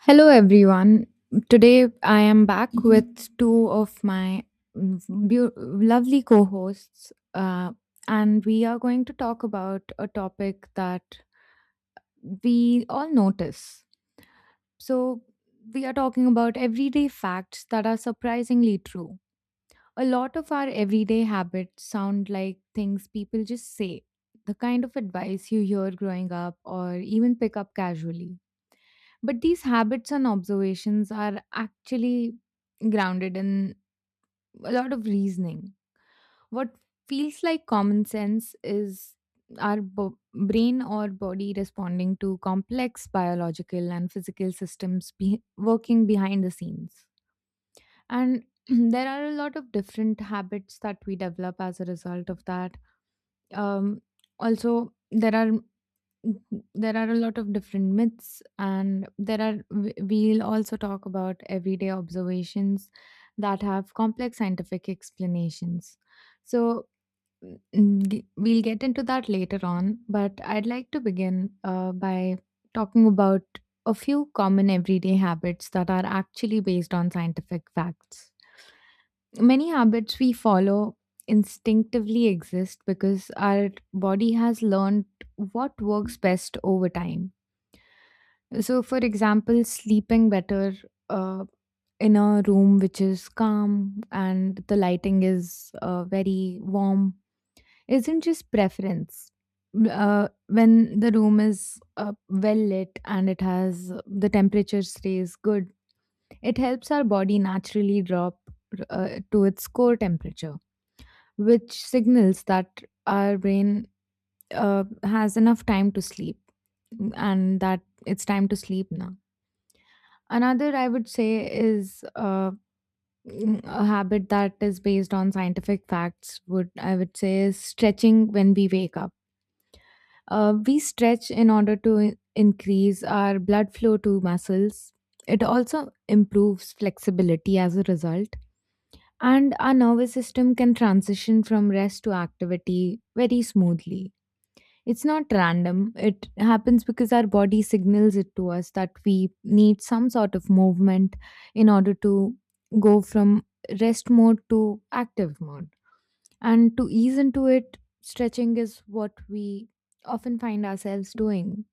Hello, everyone. Today I am back with two of my mm, lovely co hosts, and we are going to talk about a topic that we all notice. So, we are talking about everyday facts that are surprisingly true. A lot of our everyday habits sound like things people just say, the kind of advice you hear growing up or even pick up casually, but these habits and observations are actually grounded in a lot of reasoning. What feels like common sense is our brain or body responding to complex biological and physical systems working behind the scenes. And there are a lot of different habits that we develop as a result of that. Um, there are. Mhm. There are a lot of different myths, and there are, we'll also talk about everyday observations that have complex scientific explanations. So, we'll get into that later on, but I'd like to begin, by talking about a few common everyday habits that are actually based on scientific facts. Many habits we follow instinctively exist because our body has learned what works best over time. So, for example, sleeping better uh, in a room which is calm and the lighting is, very warm isn't just preference. When the room is, well lit and it has the temperature stays good, it helps our body naturally drop, to its core temperature, which signals that our brain, has enough time to sleep and that it's time to sleep now. Another, I would say, is, a habit that is based on scientific facts. Would I would say is stretching when we wake up. We stretch in order to increase our blood flow to muscles. It also improves flexibility as a result, and our nervous system can transition from rest to activity very smoothly. It's not random. It happens because our body signals it to us that we need some sort of movement in order to go from rest mode to active mode. And to ease into it, stretching is what we often find ourselves doing.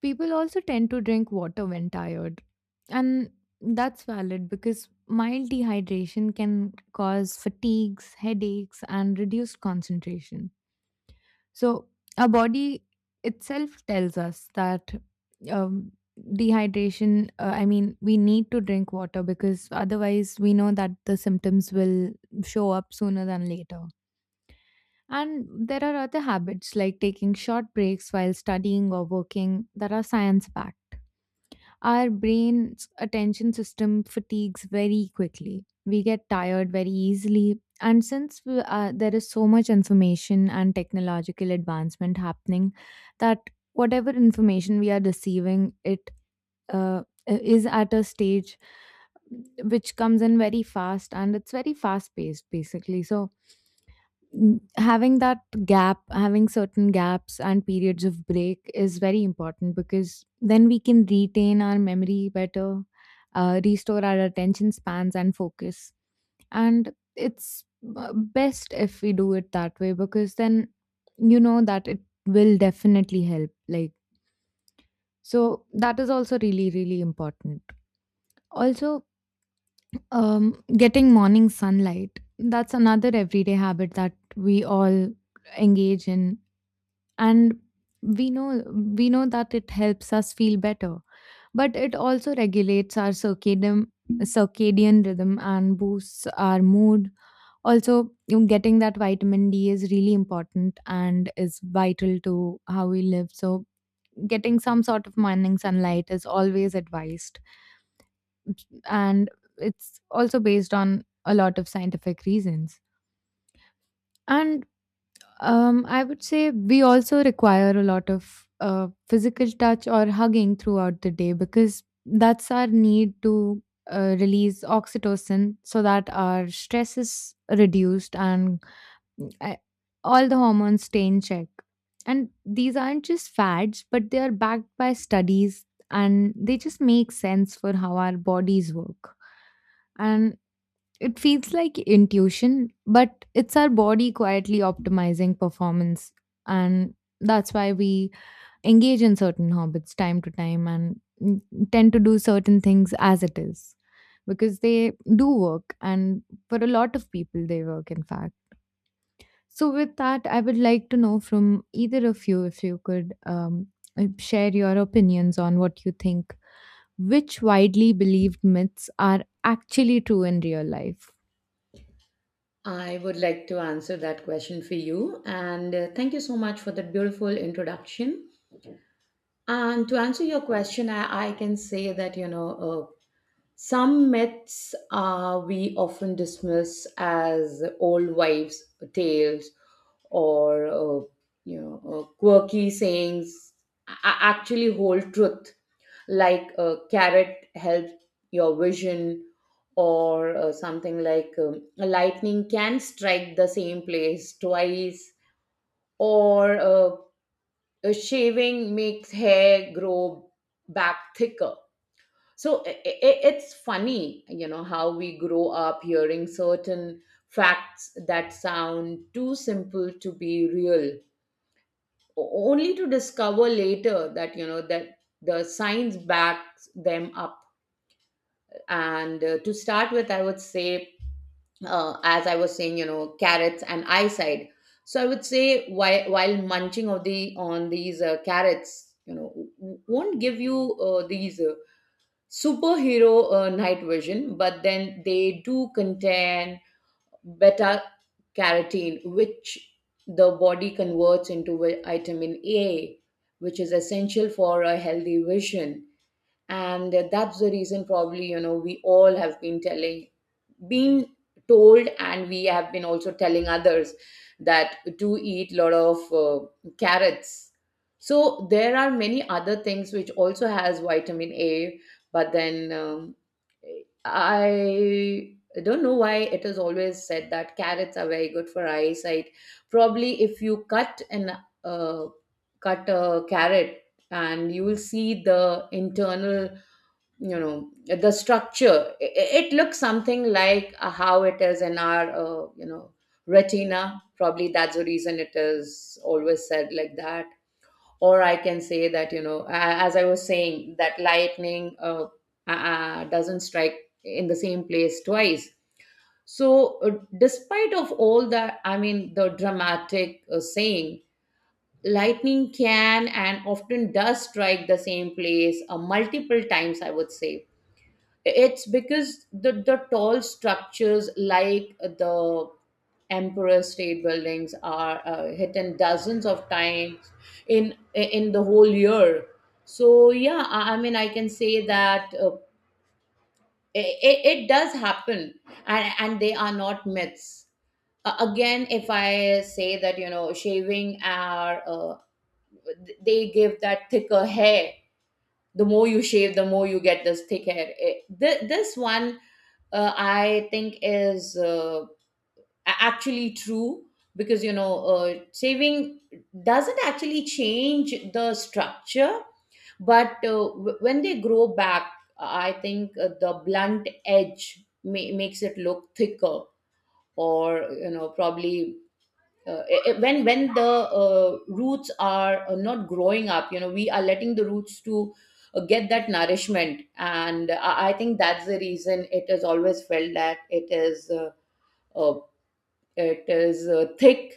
People also tend to drink water when tired. And that's valid because mild dehydration can cause fatigues, headaches, and reduced concentration. So our body itself tells us that, um, dehydration. I mean, we need to drink water because otherwise, we know that the symptoms will show up sooner than later. And there are other habits like taking short breaks while studying or working that are science backed. Our brain's attention system fatigues very quickly. We get tired very easily. And since we, there is so much information and technological advancement happening, that whatever information we are receiving, it, is at a stage which comes in very fast and it's very fast paced basically. So, having that gap having certain gaps and periods of break is very important, because then we can retain our memory better, restore our attention spans and focus, and it's, best if we do it that way, because then you know that it will definitely help, like, so that is also really, really important. Also, getting morning sunlight, that's another everyday habit that we all engage in, and we know, we know that it helps us feel better, but it also regulates our circadian rhythm and boosts our mood. Also, you know, getting that vitamin D is really important and is vital to how we live. So getting some sort of morning sunlight is always advised, and it's also based on a lot of scientific reasons. And I would say we also require a lot of physical touch or hugging throughout the day, because that's our need to, release oxytocin so that our stress is reduced and, uh, all the hormones stay in check. And these aren't just fads, but they are backed by studies and they just make sense for how our bodies work. And it feels like intuition, but it's our body quietly optimizing performance. And that's why we engage in certain habits time to time and, tend to do certain things as it is, because they do work. And for a lot of people, they work, in fact. So, with that, I would like to know from either of you if you could, share your opinions on what you think, which widely believed myths are actually true in real life. I would like to answer that question for you. And Thank you so much for that beautiful introduction. And to answer your question, I can say that, some myths we often dismiss as old wives' tales or, quirky sayings actually hold truth, like a carrot helps your vision, or something like a lightning can strike the same place twice, or a shaving makes hair grow back thicker. So it's funny, you know, how we grow up hearing certain facts that sound too simple to be real, only to discover later that, you know, that the science backs them up. And To start with, I would say, as I was saying, you know, carrots and eyesight. So I would say, while munching of the on these carrots, you know, won't give you these superhero night vision, but then they do contain beta carotene, which the body converts into vitamin A, which is essential for a healthy vision. And that's the reason, probably, you know, we all have been telling, been told, and we have been also telling others that do eat lot of carrots. So there are many other things which also has vitamin A, but then I don't know why it is always said that carrots are very good for eyesight. Probably if you cut an uh, cut a carrot, and you will see the internal, you know, the structure, it looks something like how it is in our you know, retina. Probably that's the reason it is always said like that. Or I can say that, you know, as I was saying that lightning doesn't strike in the same place twice. So despite of all that, I mean, the dramatic saying, lightning can and often does strike the same place multiple times, I would say. It's because the tall structures like the emperor state buildings are hit in dozens of times in the whole year. So yeah, I mean, I can say that it does happen, and they are not myths. Uh, again if I say that, you know, shaving our uh, they give that thicker hair. The more you shave, the more you get this thick hair. This one, I think, is actually true, because, you know, shaving doesn't actually change the structure, but when they grow back, I think the blunt edge makes it look thicker. Or, you know, probably when the roots are not growing up, you know, we are letting the roots to get that nourishment, and I think that's the reason it is always felt that uh, it is thick.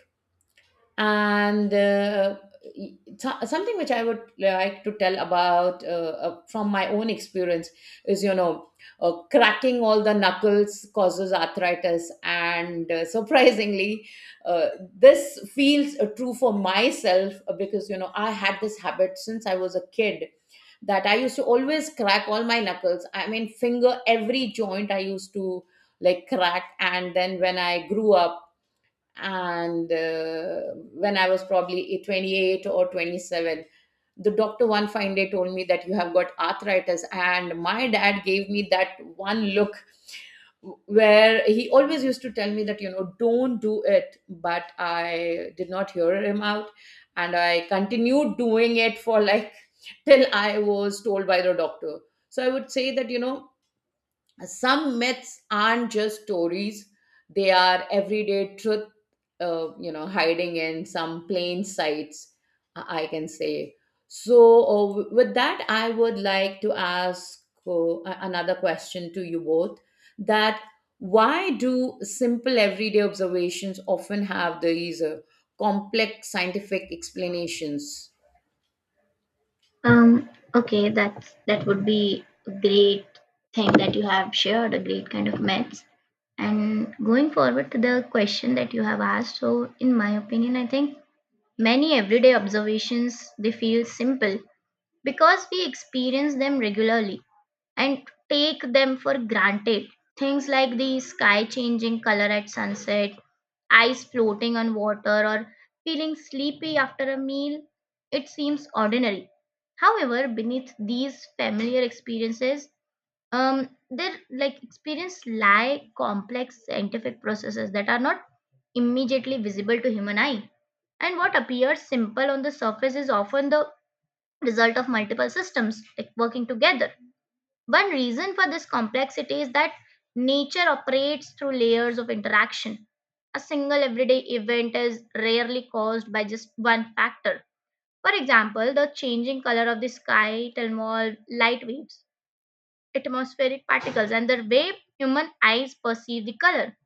and uh, Something which I would like to tell about, from my own experience is, you know, cracking all the knuckles causes arthritis, and surprisingly, uh, this feels true for myself, because, you know, I had this habit since I was a kid, that I used to always crack all my knuckles, I mean finger, every joint I used to like crack. And then when I grew up, and when I was probably 28 or 27, the doctor one fine day told me that you have got arthritis, and my dad gave me that one look, where he always used to tell me that, you know, don't do it, but I did not hear him out, and I continued doing it for like till I was told by the doctor. So I would say that, you know, some myths aren't just stories, they are everyday truth, you know, hiding in some plain sights, I can say. So uh, with that, I would like to ask another question to you both, that why do simple everyday observations often have these complex scientific explanations. Um, okay, that would be a great thing that you have shared, a great kind of myths. And going forward to the question that you have asked, so in my opinion, I think many everyday observations they feel simple because we experience them regularly and take them for granted. Things like the sky changing color at sunset, eyes floating on water, or feeling sleepy after a meal, it seems ordinary. However, beneath these familiar experiences, their like experience lie complex scientific processes that are not immediately visible to human eye. And what appears simple on the surface is often the result of multiple systems like working together. One reason for this complexity is that nature operates through layers of interaction. A single everyday event is rarely caused by just one factor. For example, the changing color of the sky to involve light waves, atmospheric particles, and the way human eyes perceive the color.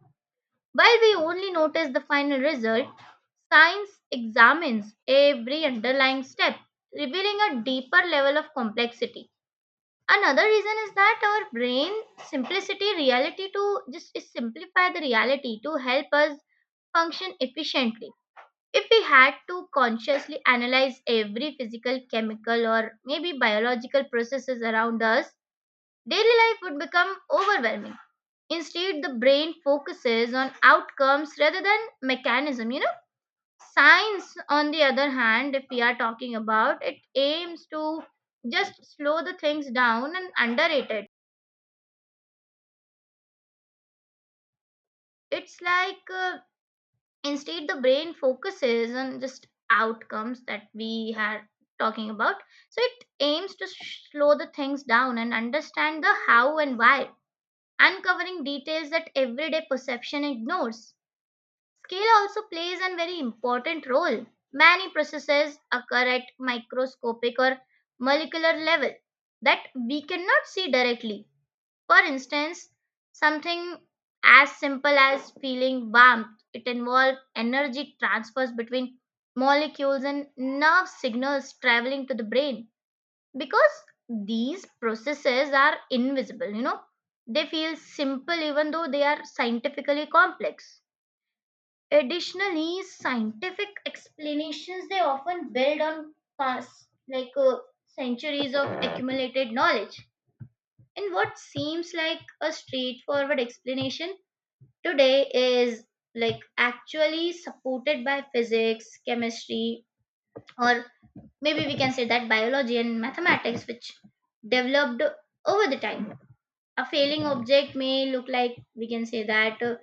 While we only notice the final result, science examines every underlying step, revealing a deeper level of complexity. Another reason is that our brain simplicity reality to just is simplify the reality to help us function efficiently. If we had to consciously analyze every physical, chemical, or maybe biological processes around us, daily life would become overwhelming. Instead, the brain focuses on outcomes rather than mechanism. You know, science, on the other hand, if we are talking about, it aims to just slow the things down and underrate it. It's like instead the brain focuses on just outcomes that we had talking about. So it aims to slow the things down and understand the how and why, uncovering details that everyday perception ignores. Scale also plays a very important role. Many processes occur at microscopic or molecular level that we cannot see directly. For instance, something as simple as feeling warmth, it involves energy transfers between molecules and nerve signals traveling to the brain because these processes are invisible, you know. They feel simple even though they are scientifically complex. Additionally, scientific explanations they often build on past like uh, centuries of accumulated knowledge, and what seems like a straightforward explanation today is like actually supported by physics, chemistry, or maybe we can say that biology and mathematics, which developed over the time. A failing object may look like we can say that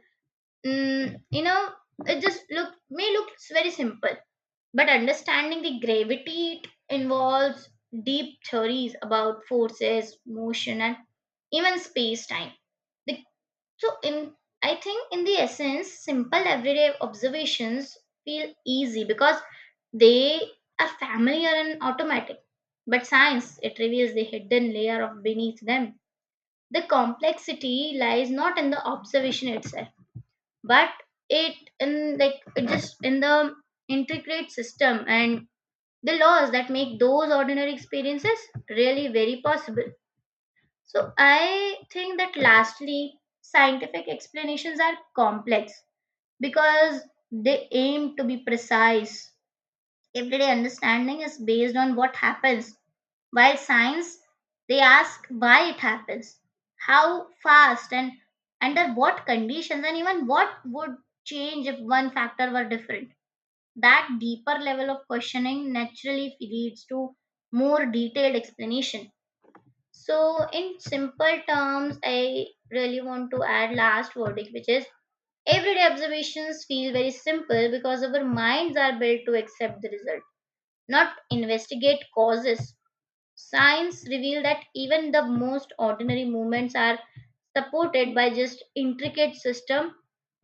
mm, you know it just look may look very simple, but understanding the gravity it involves deep theories about forces, motion, and even space time. The So in I think in the essence, simple everyday observations feel easy because they are familiar and automatic. But science it reveals the hidden layer of beneath them. The complexity lies not in the observation itself, but it in like it just in the intricate system and the laws that make those ordinary experiences really very possible. So I think that lastly, scientific explanations are complex because they aim to be precise. Everyday understanding is based on what happens, while science they ask why it happens, how fast and under what conditions and even what would change if one factor were different. That deeper level of questioning naturally leads to more detailed explanation. So, in simple terms, I really want to add last verdict, which is everyday observations feel very simple because our minds are built to accept the result, not investigate causes. Science reveal that even the most ordinary movements are supported by just intricate system,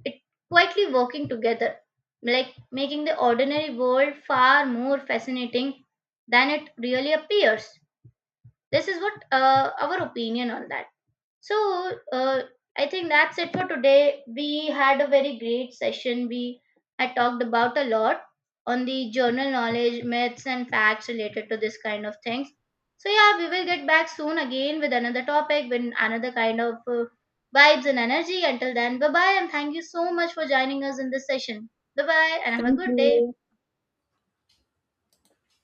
it quietly working together, like making the ordinary world far more fascinating than it really appears. This is what our opinion on that. So, uh, I think that's it for today. We had a very great session. We had talked about a lot on the journal knowledge, myths, and facts related to this kind of things. So, yeah, we will get back soon again with another topic, with another kind of vibes and energy. Until then, bye bye, and thank you so much for joining us in this session. Bye bye, and have a Thank good day. you.